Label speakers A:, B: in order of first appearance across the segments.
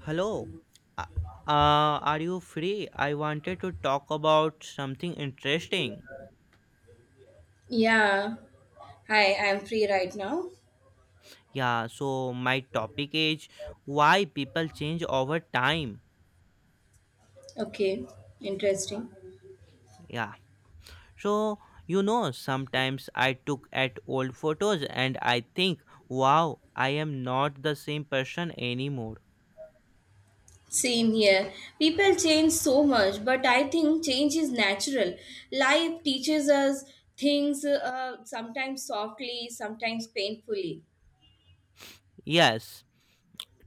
A: Hello. Uh, are you free? I wanted to talk about something interesting.
B: Yeah, hi, I'm free right now.
A: Yeah, so my topic is why people change over time.
B: Okay, interesting.
A: Yeah. So, sometimes I took at old photos and I think, wow, I am not the same person anymore.
B: Same here. People change so much, but I think change is natural. Life teaches us things sometimes softly, sometimes painfully.
A: Yes,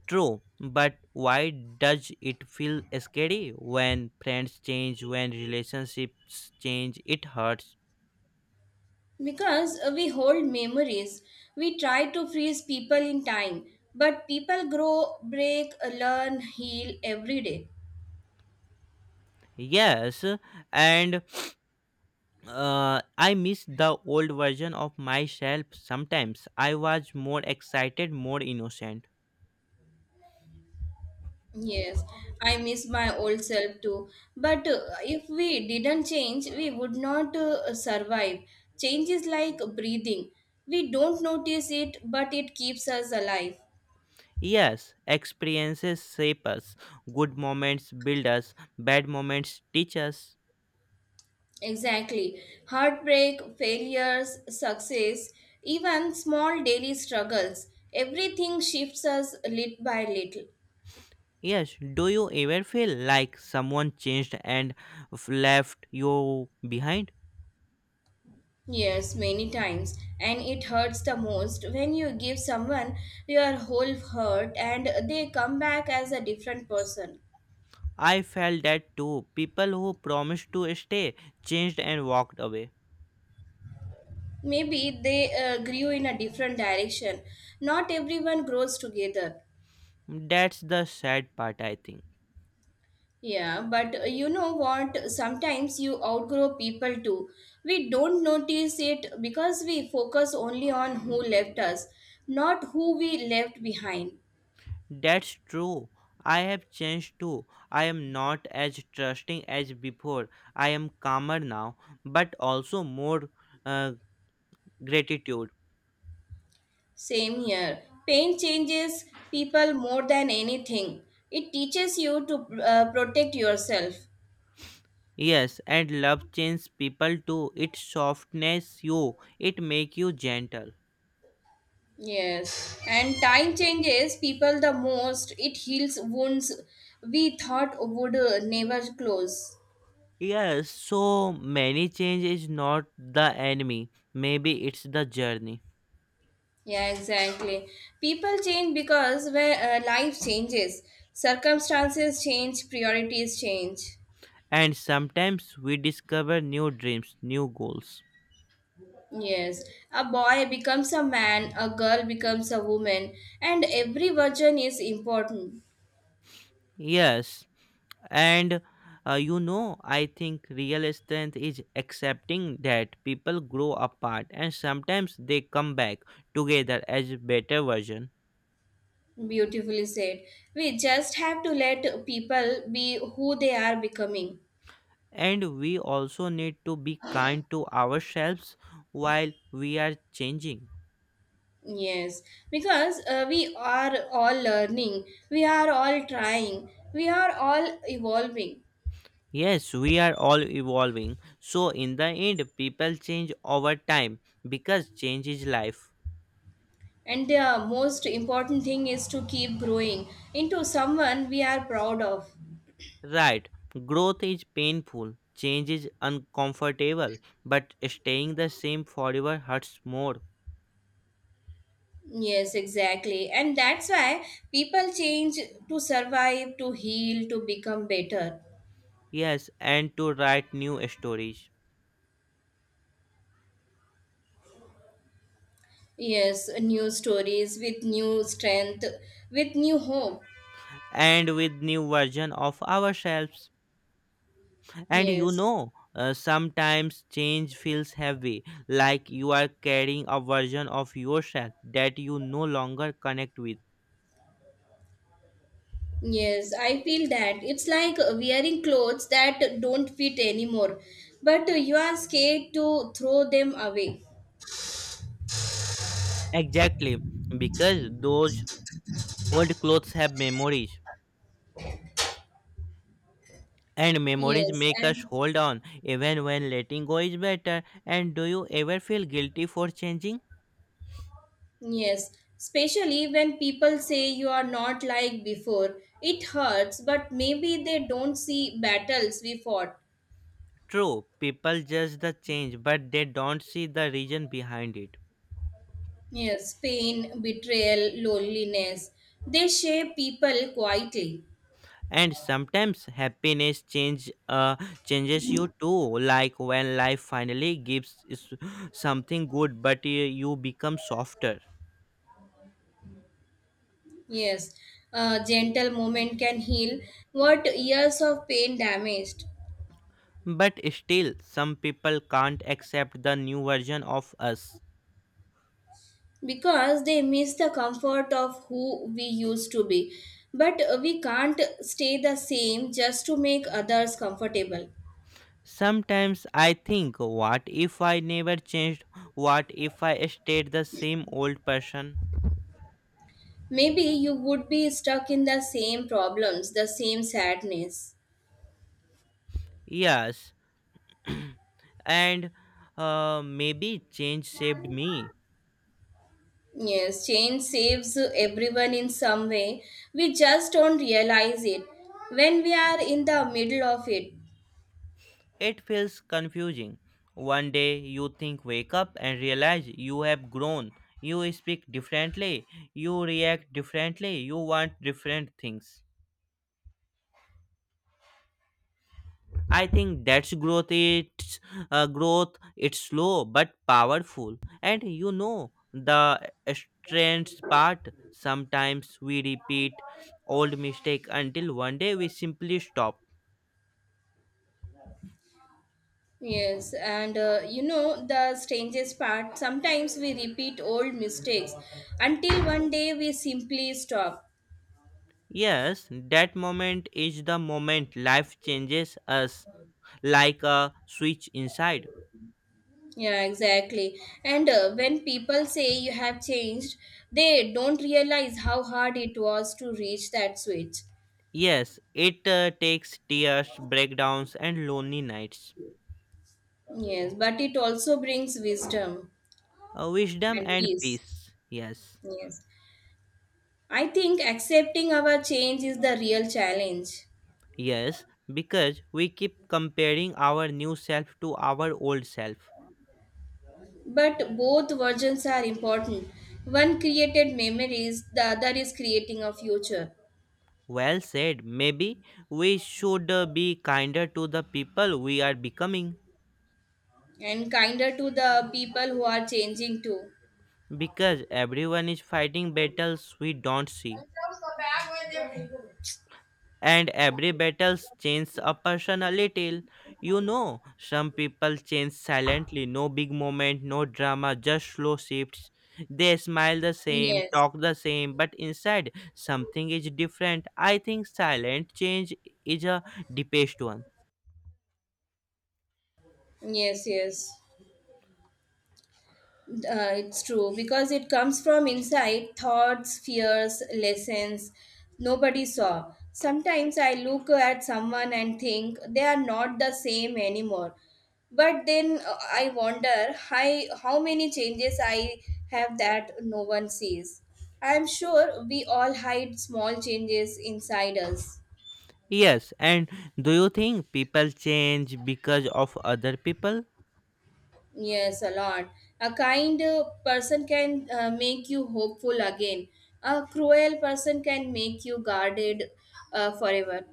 A: true. But why does it feel scary when friends change, when relationships change? It hurts.
B: Because we hold memories, we try to freeze people in time, but people grow, break, learn, heal every day.
A: Yes, and I miss the old version of myself sometimes. I was more excited, more innocent.
B: Yes, I miss my old self too. But if we didn't change, we would not survive. Change is like breathing. We don't notice it, but it keeps us alive.
A: Yes, experiences shape us. Good moments build us, bad moments teach us.
B: Exactly. Heartbreak, failures, success, even small daily struggles. Everything shifts us little by little.
A: Yes, do you ever feel like someone changed and left you behind?
B: Yes, many times, and it hurts the most when you give someone your whole heart and they come back as a different person.
A: I felt that too. People who promised to stay changed and walked away.
B: Maybe they grew in a different direction. Not everyone grows together.
A: That's the sad part, I think.
B: Yeah, but you know what? Sometimes you outgrow people too. We don't notice it because we focus only on who left us, not who we left behind.
A: That's true. I have changed too. I am not as trusting as before. I am calmer now, but also more uh, gratitude.
B: Same here. Pain changes people more than anything. It teaches you to protect yourself.
A: Yes, and love changes people too. It softens you. It make you gentle.
B: Yes. And time changes people the most. It heals wounds we thought would never close.
A: Yes, so many change is not the enemy. Maybe it's the journey.
B: Yeah, exactly. People change because where life changes, circumstances change, priorities change.
A: And sometimes we discover new dreams, new goals.
B: Yes, a boy becomes a man, a girl becomes a woman, and every version is important.
A: Yes. And I think real strength is accepting that people grow apart and sometimes they come back together as a better version.
B: Beautifully said. We just have to let people be who they are becoming.
A: And we also need to be kind to ourselves while we are changing.
B: Yes, because we are all learning, we are all trying, we are all evolving.
A: Yes, we are all evolving, so in the end people change over time because change is life.
B: And the most important thing is to keep growing into someone we are proud of.
A: Right. Growth is painful, change is uncomfortable, but staying the same forever hurts more.
B: Yes, exactly. And that's why people change to survive, to heal, to become better.
A: Yes, and to write new stories
B: Yes, new stories with new strength, with new hope.
A: and with new version of ourselves. And you
B: Yes,
A: know, sometimes change feels heavy, like you are carrying a version of yourself that you no longer connect with.
B: yes, I feel that it's like wearing clothes that don't fit anymore, but you are scared to throw them away.
A: Exactly, because those old clothes have memories. And memories
B: Yes,
A: make us
B: and
A: hold on even when letting go is better. And do you ever feel guilty for changing?
B: yes, especially when people say you are not like before, it hurts, but maybe they don't see battles we fought.
A: True, people judge the change, but they don't see the reason behind it.
B: Yes, pain, betrayal, loneliness, they shape people quietly.
A: And sometimes happiness change changes you too, like when life finally gives is something good, but you become softer.
B: Yes, a gentle moment can heal what years of pain damaged.
A: But still, some people can't accept the new version of us.
B: Because they miss the comfort of who we used to be. But we can't stay the same just to make others comfortable.
A: Sometimes I think, what if I never changed? What if I stayed the same old person?
B: Maybe you would be stuck in the same problems, the same sadness.
A: Yes, and maybe change saved me.
B: Yes, change saves everyone in some way. We just don't realize it when we are in the middle of it.
A: It feels confusing. One day you think, wake up and realize you have grown. You speak differently, you react differently, you want different things. I think that's growth. It's growth. It's slow but powerful. And you know the strange part. Sometimes we repeat old mistake until one day we simply stop.
B: Yes, and you know the strangest part sometimes we repeat old mistakes until one day we simply stop.
A: Yes, that moment is the moment life changes us, like a switch inside.
B: Yeah, exactly. And when people say you have changed, they don't realize how hard it was to reach that switch.
A: Yes, it takes tears, breakdowns, and lonely nights.
B: Yes, but it also brings wisdom
A: Wisdom
B: and
A: and
B: peace.
A: peace. Yes.
B: Yes. I think accepting our change is the real challenge.
A: Yes, because we keep comparing our new self to our old self.
B: But both versions are important. One created memories, the other is creating a future.
A: Well said. Maybe we should be kinder to the people we are becoming,
B: And kinder to the people who are changing too.
A: because everyone is fighting battles we don't see, and every battle changes a person a little. You know, some people change silently, no big moment, no drama, just slow shifts. They smile the same,
B: Yes.
A: talk the same, but inside something is different. I think silent change is a deepest one.
B: Yes, yes. It's true because it comes from inside thoughts, fears, lessons nobody saw. Sometimes I look at someone and think they are not the same anymore. But then I wonder hi, how many changes I have that no one sees. I am sure we all hide small changes inside us.
A: Yes, and do you think people change because of other people?
B: Yes, a lot. A kind person can make you hopeful again. A cruel person can make you guarded forever.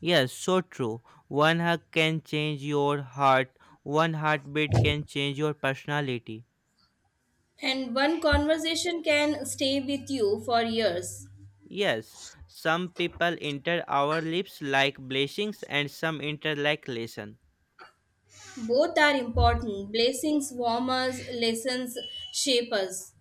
A: Yes, so true. One hug can change your heart, one heartbeat can change your personality.
B: And one conversation can stay with you for years.
A: Yes, some people enter our lips like blessings and some enter like lesson.
B: Both are important. Blessings warm us, lessons shape us.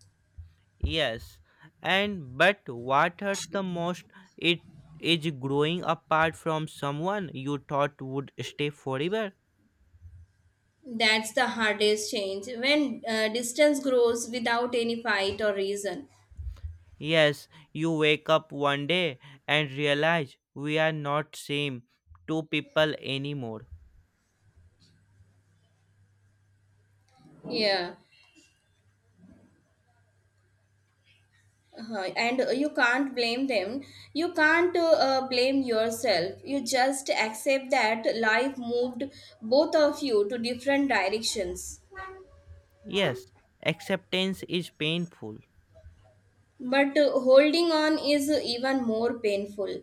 A: Yes, and but what hurts the most it is growing apart from someone you thought would stay forever.
B: That's the hardest change when distance grows without any fight or reason.
A: Yes, you wake up one day and realize we are not same two people anymore.
B: Yeah. Uh-huh. And you can't blame them. You can't blame yourself. You just accept that life moved both of you to different directions.
A: Yes, acceptance is painful.
B: But holding on is even more painful.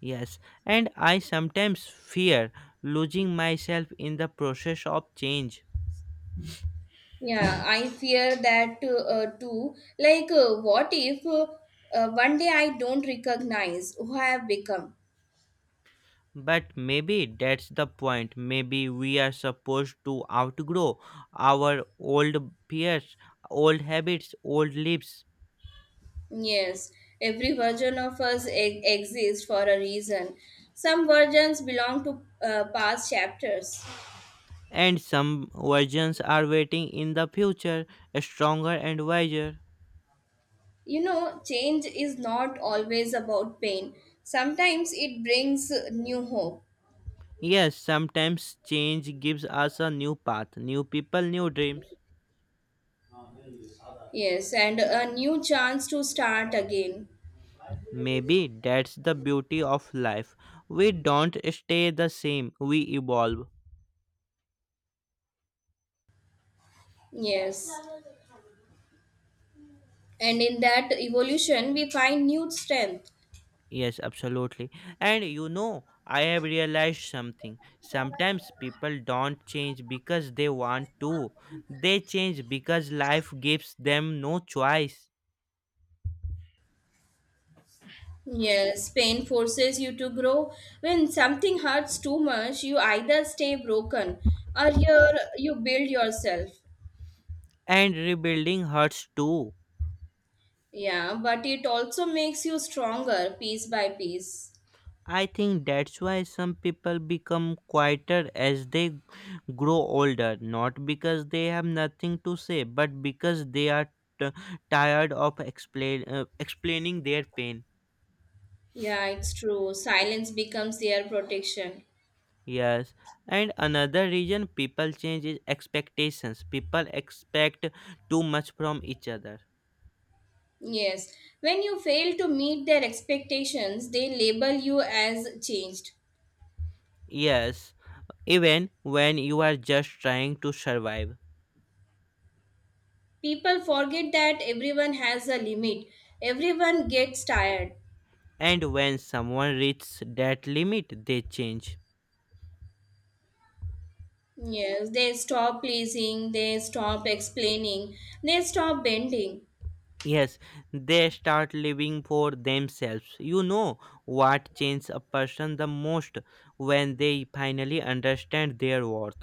A: Yes, and I sometimes fear losing myself in the process of change.
B: Yeah, I fear that too. Like, what if one day I don't recognize who I have become?
A: But maybe that's the point. Maybe we are supposed to outgrow our old fears, old habits, old lives.
B: Yes, every version of us exists for a reason. Some versions belong to past chapters.
A: And some versions are waiting in the future, stronger and wiser.
B: You know, change is not always about pain. Sometimes it brings new hope.
A: Yes, sometimes change gives us a new path, new people, new dreams.
B: Yes, and a new chance to start again.
A: Maybe that's the beauty of life. We don't stay the same, we evolve.
B: Yes. And in that evolution, we find new strength.
A: Yes, absolutely. And you know, I have realized something. Sometimes people don't change because they want to, they change because life gives them no choice.
B: Yes, pain forces you to grow. When something hurts too much, you either stay broken or you build yourself.
A: And rebuilding hurts too.
B: Yeah, but it also makes you stronger piece by piece.
A: I think that's why some people become quieter as they grow older, not because they have nothing to say but because they are t- tired of explain explaining their pain.
B: Yeah, it's true. Silence becomes their protection.
A: Yes, and another reason people change is expectations. People expect too much from each other.
B: Yes. When you fail to meet their expectations, they label you as changed.
A: Yes, even when you are just trying to survive.
B: People forget that everyone has a limit. Everyone gets tired.
A: And when someone reaches that limit they change.
B: Yes, they stop pleasing, they stop explaining, they stop bending.
A: Yes, they start living for themselves. You know what changes a person the most, when they finally understand their worth.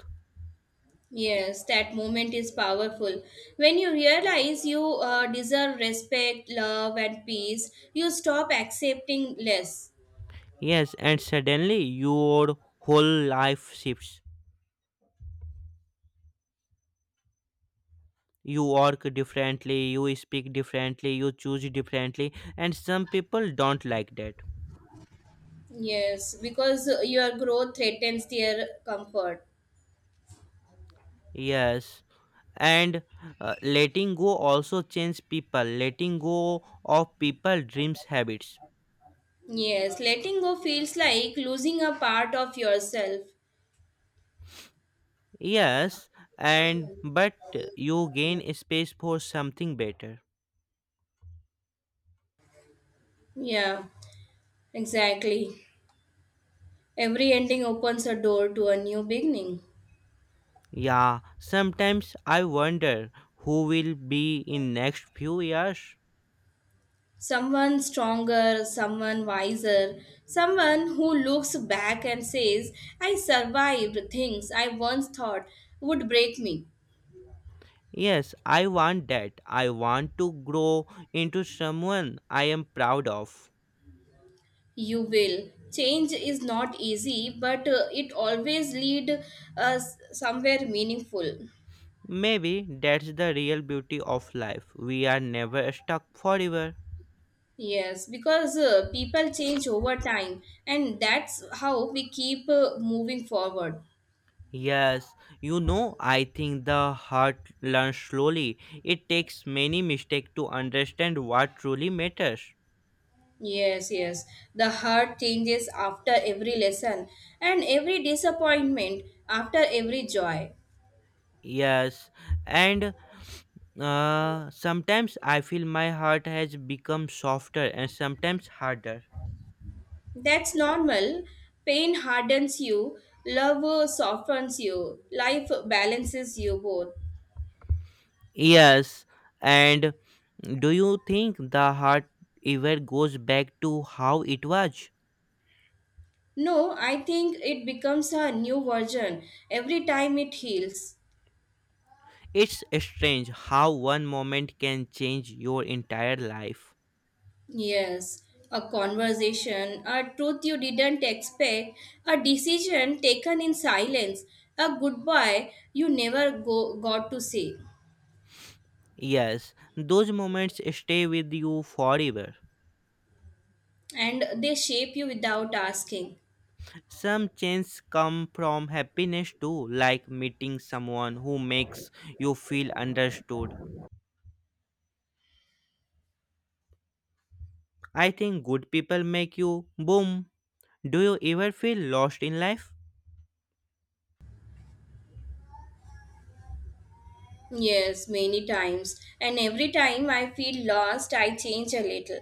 B: Yes, that moment is powerful. When you realize you deserve respect, love, and peace, you stop accepting less.
A: Yes, and suddenly your whole life shifts. You work differently, you speak differently, you choose differently, and some people don't like that.
B: Yes, because your growth threatens their comfort.
A: Yes, and letting go also changes people. Letting go of people, dreams, habits.
B: Yes, letting go feels like losing a part of yourself.
A: Yes, and but you gain space for something better.
B: Yeah, exactly. Every ending opens a door to a new beginning.
A: Yeah, sometimes I wonder who will be in next few years.
B: Someone stronger, someone wiser, someone who looks back and says, I survived things I once thought would break me.
A: Yes, I want that. I want to grow into someone I am proud of.
B: You will. Change is not easy, but it always leads us somewhere meaningful.
A: Maybe that's the real beauty of life. We are never stuck forever.
B: Yes, because people change over time, and that's how we keep moving forward.
A: Yes, you know, I think the heart learns slowly. It takes many mistakes to understand what truly matters.
B: Yes, yes. The heart changes after every lesson and every disappointment, after every joy.
A: Yes, and sometimes I feel my heart has become softer and sometimes harder.
B: That's normal. Pain hardens you, love softens you, life balances you both.
A: Yes, and do you think the heart ever goes back to how it was?
B: No, I think it becomes a new version every time it heals.
A: It's strange how one moment can change your entire life.
B: Yes, a conversation, a truth you didn't expect, a decision taken in silence, a goodbye you never go, got to say,
A: Yes, those moments stay with you forever.
B: and they shape you without asking.
A: Some changes come from happiness too, like meeting someone who makes you feel understood. I think good people make you boom. Do you ever feel lost in life?
B: Yes, many times, and every time I feel lost, I change a little.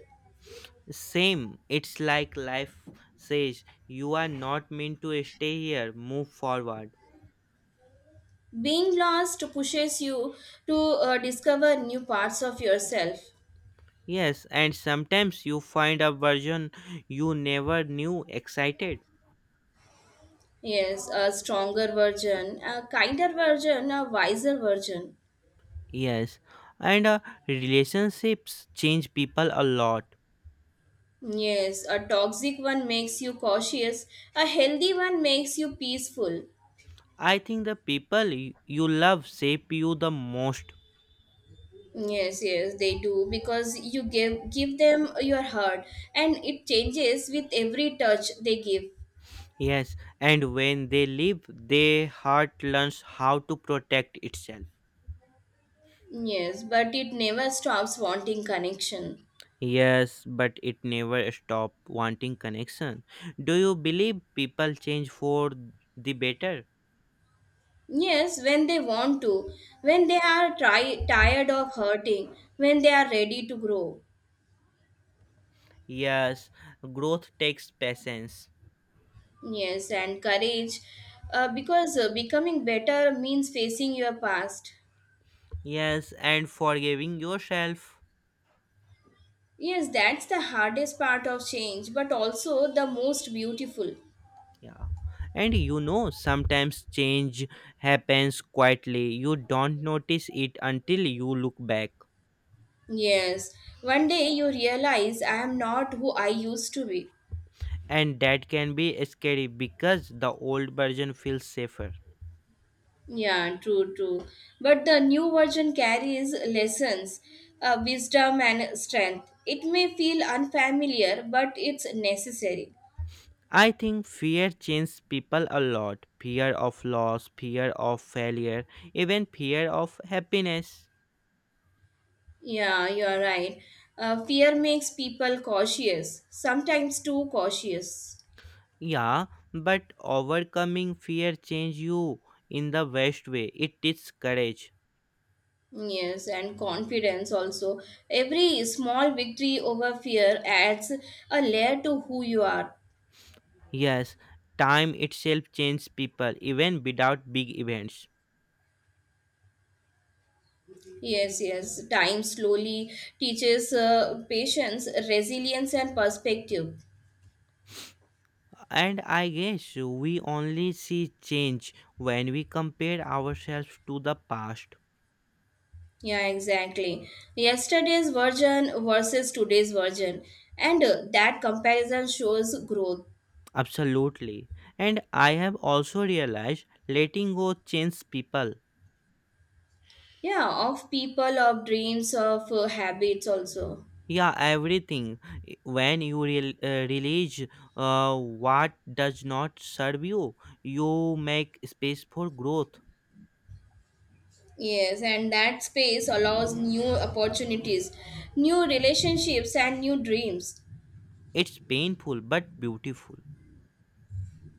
A: Same. It's like life says you are not meant to stay here, move forward.
B: Being lost pushes you to discover new parts of yourself.
A: Yes, and sometimes you find a version you never knew excited.
B: Yes, a stronger version, a kinder version, a wiser version.
A: Yes, and relationships change people a lot.
B: Yes, a toxic one makes you cautious, a healthy one makes you peaceful.
A: I think the people you love shape you the most.
B: Yes, yes, they do because you give them your heart and it changes with every touch they give.
A: Yes, and when they leave, their heart learns how to protect itself.
B: Yes, but it never stops wanting connection.
A: Yes, but it never stopped wanting connection. Do you believe people change for the better?
B: Yes, when they want to, when they are tired of hurting, when they are ready to grow.
A: Yes, growth takes patience.
B: Yes, and courage because becoming better means facing your past.
A: Yes, and forgiving yourself.
B: Yes, that's the hardest part of change, but also the most beautiful.
A: Yeah. And you know, sometimes change happens quietly. You don't notice it until you look back.
B: Yes, one day you realize I am not who I used to be.
A: And that can be scary because the old version feels safer.
B: Yeah, true, true. But the new version carries lessons, wisdom, and strength. It may feel unfamiliar, but it's necessary.
A: I think fear changes people a lot. Fear of loss, fear of failure, even fear of happiness.
B: Yeah, you are right. Fear makes people cautious, sometimes too cautious.
A: Yeah, but overcoming fear changes you in the best way. It takes courage.
B: Yes, and confidence also. Every small victory over fear adds a layer to who you are.
A: Yes, time itself changes people even without big events.
B: Yes, yes. Time slowly teaches patience, resilience, and perspective.
A: And I guess we only see change when we compare ourselves to the past.
B: Yeah, exactly. Yesterday's version versus today's version. And that comparison shows growth.
A: Absolutely. And I have also realized letting go changes people.
B: Yeah, of people, of dreams, of habits also.
A: Yeah, everything. When you realize what does not serve you, you make space for growth.
B: Yes, and that space allows new opportunities, new relationships, and new dreams
A: It's painful but beautiful.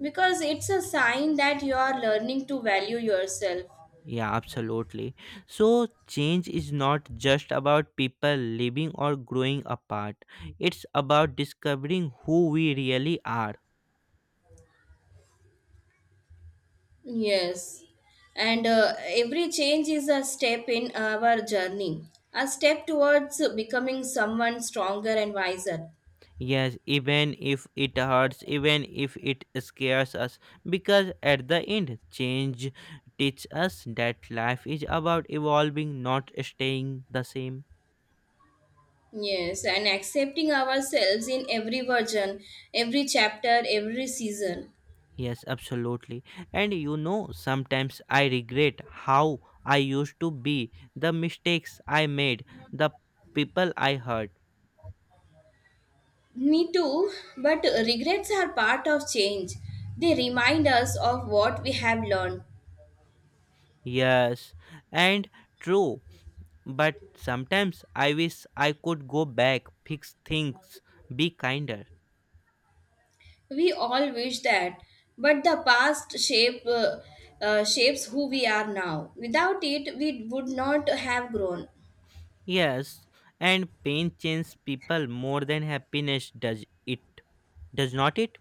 B: because it's a sign that you are learning to value yourself.
A: Yeah, absolutely. So change is not just about people living or growing apart, it's about discovering who we really are.
B: Yes, and every change is a step in our journey, a step towards becoming someone stronger and wiser.
A: Yes, even if it hurts, even if it scares us, because at the end, change teaches us that life is about evolving, not staying the same.
B: Yes, and accepting ourselves in every version, every chapter, every season.
A: Yes, absolutely. And you know, sometimes I regret how I used to be, the mistakes I made, the people I hurt.
B: Me too, but regrets are part of change. They remind us of what we have learned.
A: Yes, and true, but sometimes I wish I could go back, fix things, be kinder.
B: We all wish that, but the past shapes who we are now. Without it, we would not have grown.
A: Yes, and pain changes people more than happiness does it, does not it?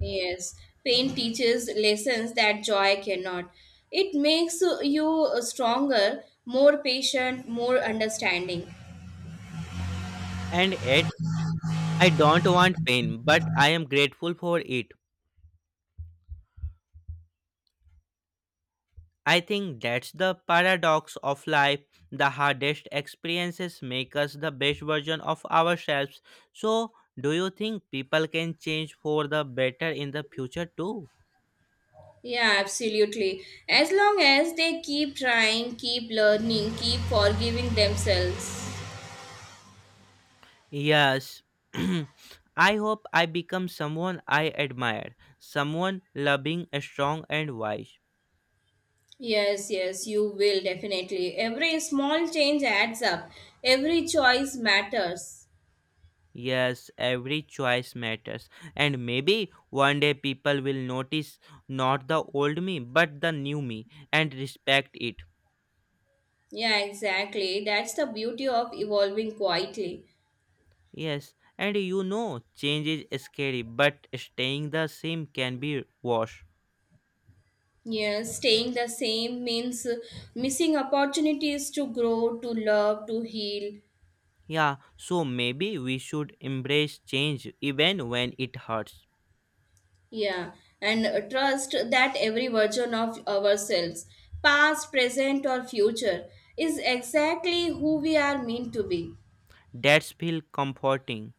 B: Yes, pain teaches lessons that joy cannot. It makes you stronger, more patient, more understanding.
A: And yet, I don't want pain, but I am grateful for it. I think that's the paradox of life. The hardest experiences make us the best version of ourselves. So, do you think people can change for the better in the future too?
B: Yeah, absolutely. As long as they keep trying, keep learning, keep forgiving themselves.
A: Yes. I hope I become someone I admire, someone loving, strong, and wise.
B: Yes, yes, you will definitely. Every small change adds up, every choice matters.
A: Yes, every choice matters. And maybe one day people will notice not the old me, but the new me and respect it.
B: Yeah, exactly. That's the beauty of evolving quietly.
A: Yes, and you know, change is scary, but staying the same can be worse.
B: Yes, staying the same means missing opportunities to grow, to love, to heal.
A: Yeah, so maybe we should embrace change even when it hurts.
B: Yeah, and trust that every version of ourselves, past, present, or future, is exactly who we are meant to be.
A: That's feel comforting.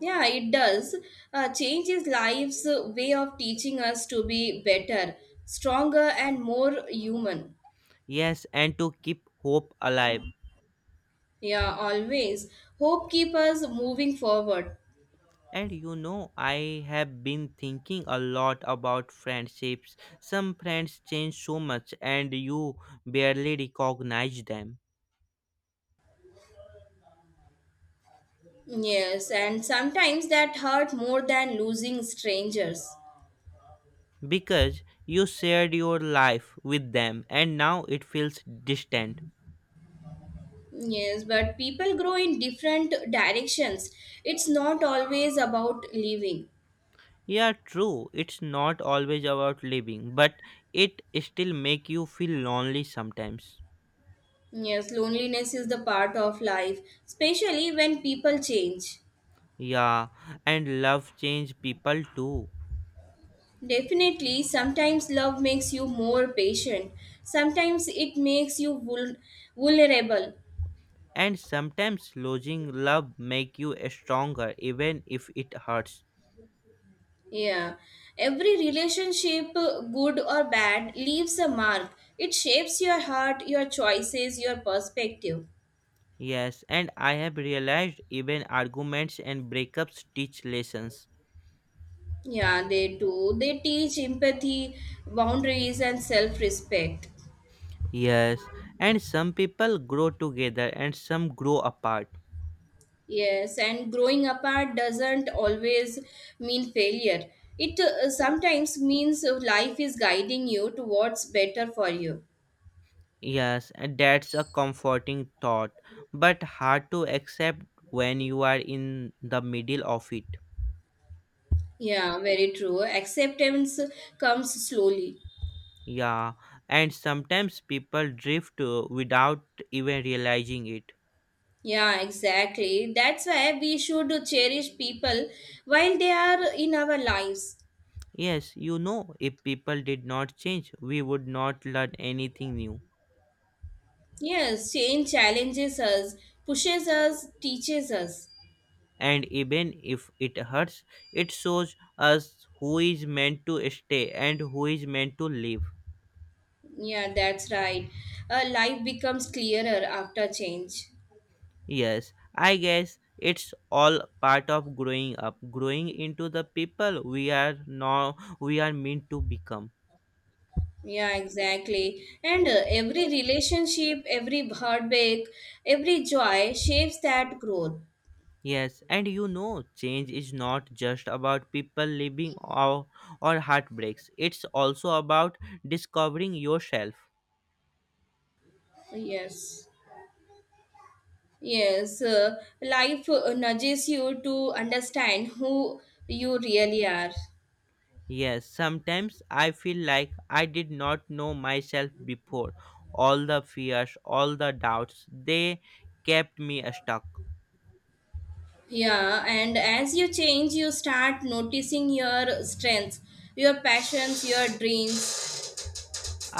B: Yeah, it does. Change is life's way of teaching us to be better, stronger, and more human.
A: Yes, and to keep hope alive.
B: Yeah, always. Hope keep us moving forward.
A: And you know, I have been thinking a lot about friendships. Some friends change so much and you barely recognize them,
B: Yes, and sometimes that hurt more than losing strangers.
A: because you shared your life with them and now it feels distant.
B: Yes, but people grow in different directions. It's not always about leaving.
A: Yeah, true, it's not always about living, but it still make you feel lonely sometimes.
B: Yes, loneliness is the part of life, especially when people change.
A: Yeah, and love change people too.
B: Definitely, sometimes love makes you more patient, sometimes it makes you vulnerable.
A: And sometimes losing love make you stronger even if it hurts.
B: Yeah, every relationship, good or bad, leaves a mark. It shapes your heart, your choices, your perspective.
A: Yes, and I have realized even arguments and breakups teach lessons.
B: Yeah, they do. They teach empathy, boundaries, and self respect.
A: Yes, and some people grow together and some grow apart.
B: Yes, and growing apart doesn't always mean failure. It sometimes means life is guiding you towards better for you.
A: Yes, and that's a comforting thought, but hard to accept when you are in the middle of it.
B: Yeah, very true. Acceptance comes slowly.
A: Yeah, and sometimes people drift without even realizing it.
B: Yeah, exactly. That's why we should cherish people while they are in our lives.
A: Yes, you know, if people did not change, we would not learn anything new.
B: Yes, change challenges us, pushes us, teaches us.
A: And even if it hurts, it shows us who is meant to stay and who is meant to leave.
B: Yeah, that's right. Life becomes clearer after change.
A: Yes, I guess it's all part of growing up, growing into the people we are now, we are meant to become.
B: Yeah, exactly. And every relationship, every heartbreak, every joy shapes that growth.
A: Yes, and you know change is not just about people leaving or heartbreaks, it's also about discovering yourself.
B: Yes. Yes. Life nudges you to understand who you really are.
A: Yes, sometimes I feel like I did not know myself before. All the fears, all the doubts, they kept me stuck.
B: Yeah, and as you change, you start noticing your strengths, your passions, your dreams.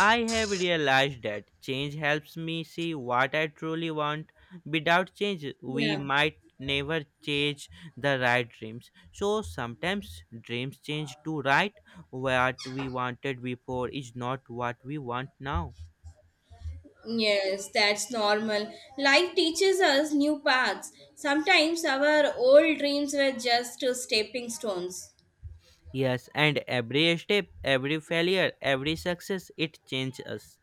A: I have realized that change helps me see what I truly want. Without change, we
B: Yeah.
A: might never chase the right dreams. So sometimes dreams change too, right? What we wanted before is not what we want now.
B: Yes, that's normal. Life teaches us new paths. Sometimes our old dreams were just stepping stones.
A: Yes, and every step, every failure, every success, it changes us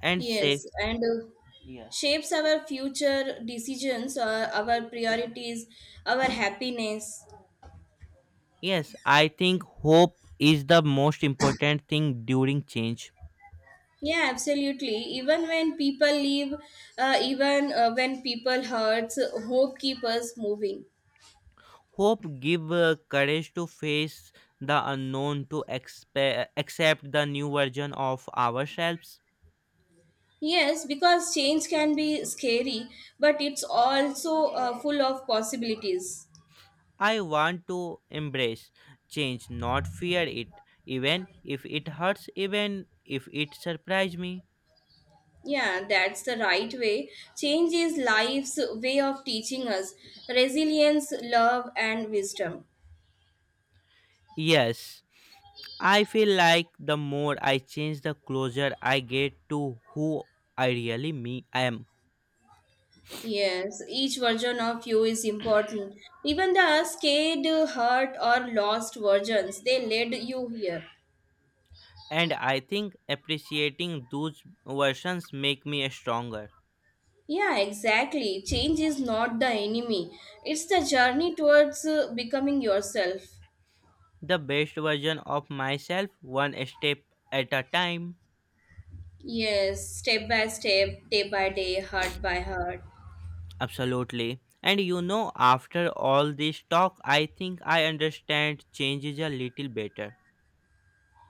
A: and
B: Yes,
A: say,
B: and uh,
A: yeah.
B: shapes our future decisions, uh, our priorities, our happiness.
A: Yes, I think hope is the most important thing during change.
B: Yeah, absolutely. Even when people leave, even when people hurts, hope keeps us moving.
A: Hope give courage to face the unknown, to accept the new version of ourselves.
B: Yes, because change can be scary, but it's also full of possibilities.
A: I want to embrace change, not fear it, even if it hurts, even if it surprise me.
B: Yeah, that's the right way. Change is life's way of teaching us resilience, love, and wisdom.
A: Yes. I feel like the more I change, the closer I get to who I really me am.
B: Yes, each version of you is important. Even the scared, hurt, or lost versions, they led you here.
A: And I think appreciating those versions make me stronger.
B: Yeah, exactly. Change is not the enemy, it's the journey towards becoming yourself.
A: The best version of myself, one step at a time.
B: Yes, step by step, day by day, heart by heart.
A: Absolutely. And you know, after all this talk, I think I understand changes a little better.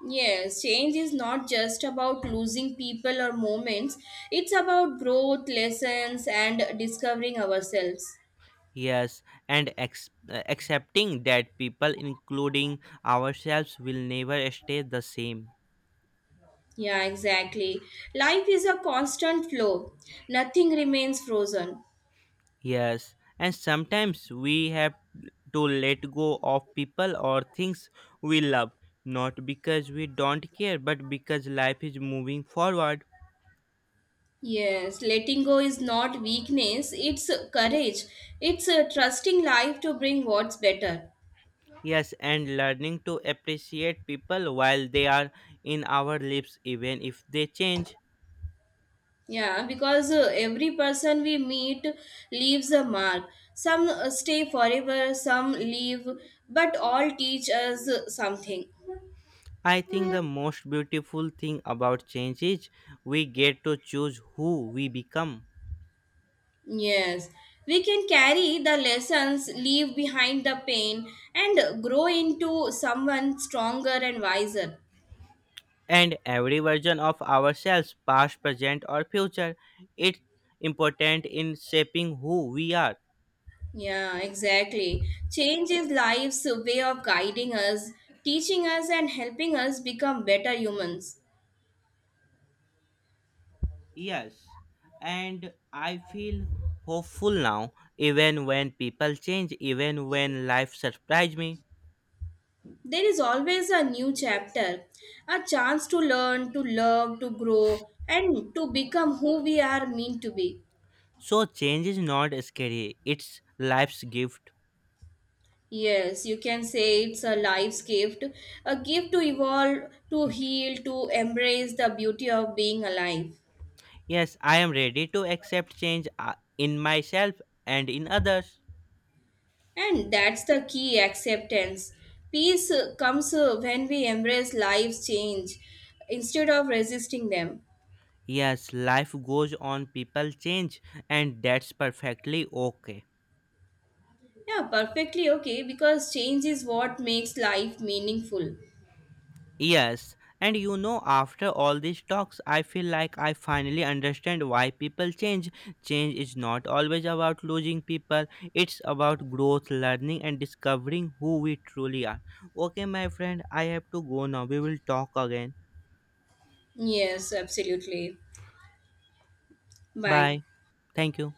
B: Yes, change is not just about losing people or moments, it's about growth, lessons, and discovering ourselves.
A: Yes, and accepting that people, including ourselves, will never stay the same.
B: Yeah, exactly. Life is a constant flow, nothing remains frozen.
A: Yes, and sometimes we have to let go of people or things we love, not because we don't care, but because life is moving forward.
B: Yes, letting go is not weakness, it's courage. It's trusting life to bring what's better.
A: Yes, and learning to appreciate people while they are in our lives, even if they change.
B: Yeah, because every person we meet leaves a mark. Some stay forever, some leave, but all teach us something.
A: I think the most beautiful thing about change is we get to choose who we become.
B: Yes, we can carry the lessons, leave behind the pain, and grow into someone stronger and wiser.
A: And every version of ourselves, past, present, or future. It's important in shaping who we are.
B: Yeah, exactly. Change is life's way of guiding us, teaching us, and helping us become better humans.
A: Yes, and I feel hopeful now, even when people change, even when life surprised me.
B: There is always a new chapter, a chance to learn, to love, to grow, and to become who we are meant to be.
A: So, change is not scary, it's life's gift.
B: Yes, you can say it's a life's gift, a gift to evolve, to heal, to embrace the beauty of being alive.
A: Yes, I am ready to accept change in myself and in others.
B: And that's the key acceptance. Peace comes when we embrace life's change instead of resisting them.
A: Yes, life goes on, people change, and that's perfectly okay.
B: Yeah, perfectly okay because change is what makes life meaningful.
A: Yes, and you know, after all these talks, I feel like I finally understand why people change. Change is not always about losing people, it's about growth, learning, and discovering who we truly are. Okay, my friend, I have to go now. We will talk again.
B: Yes, absolutely. Bye.
A: Bye. Thank you.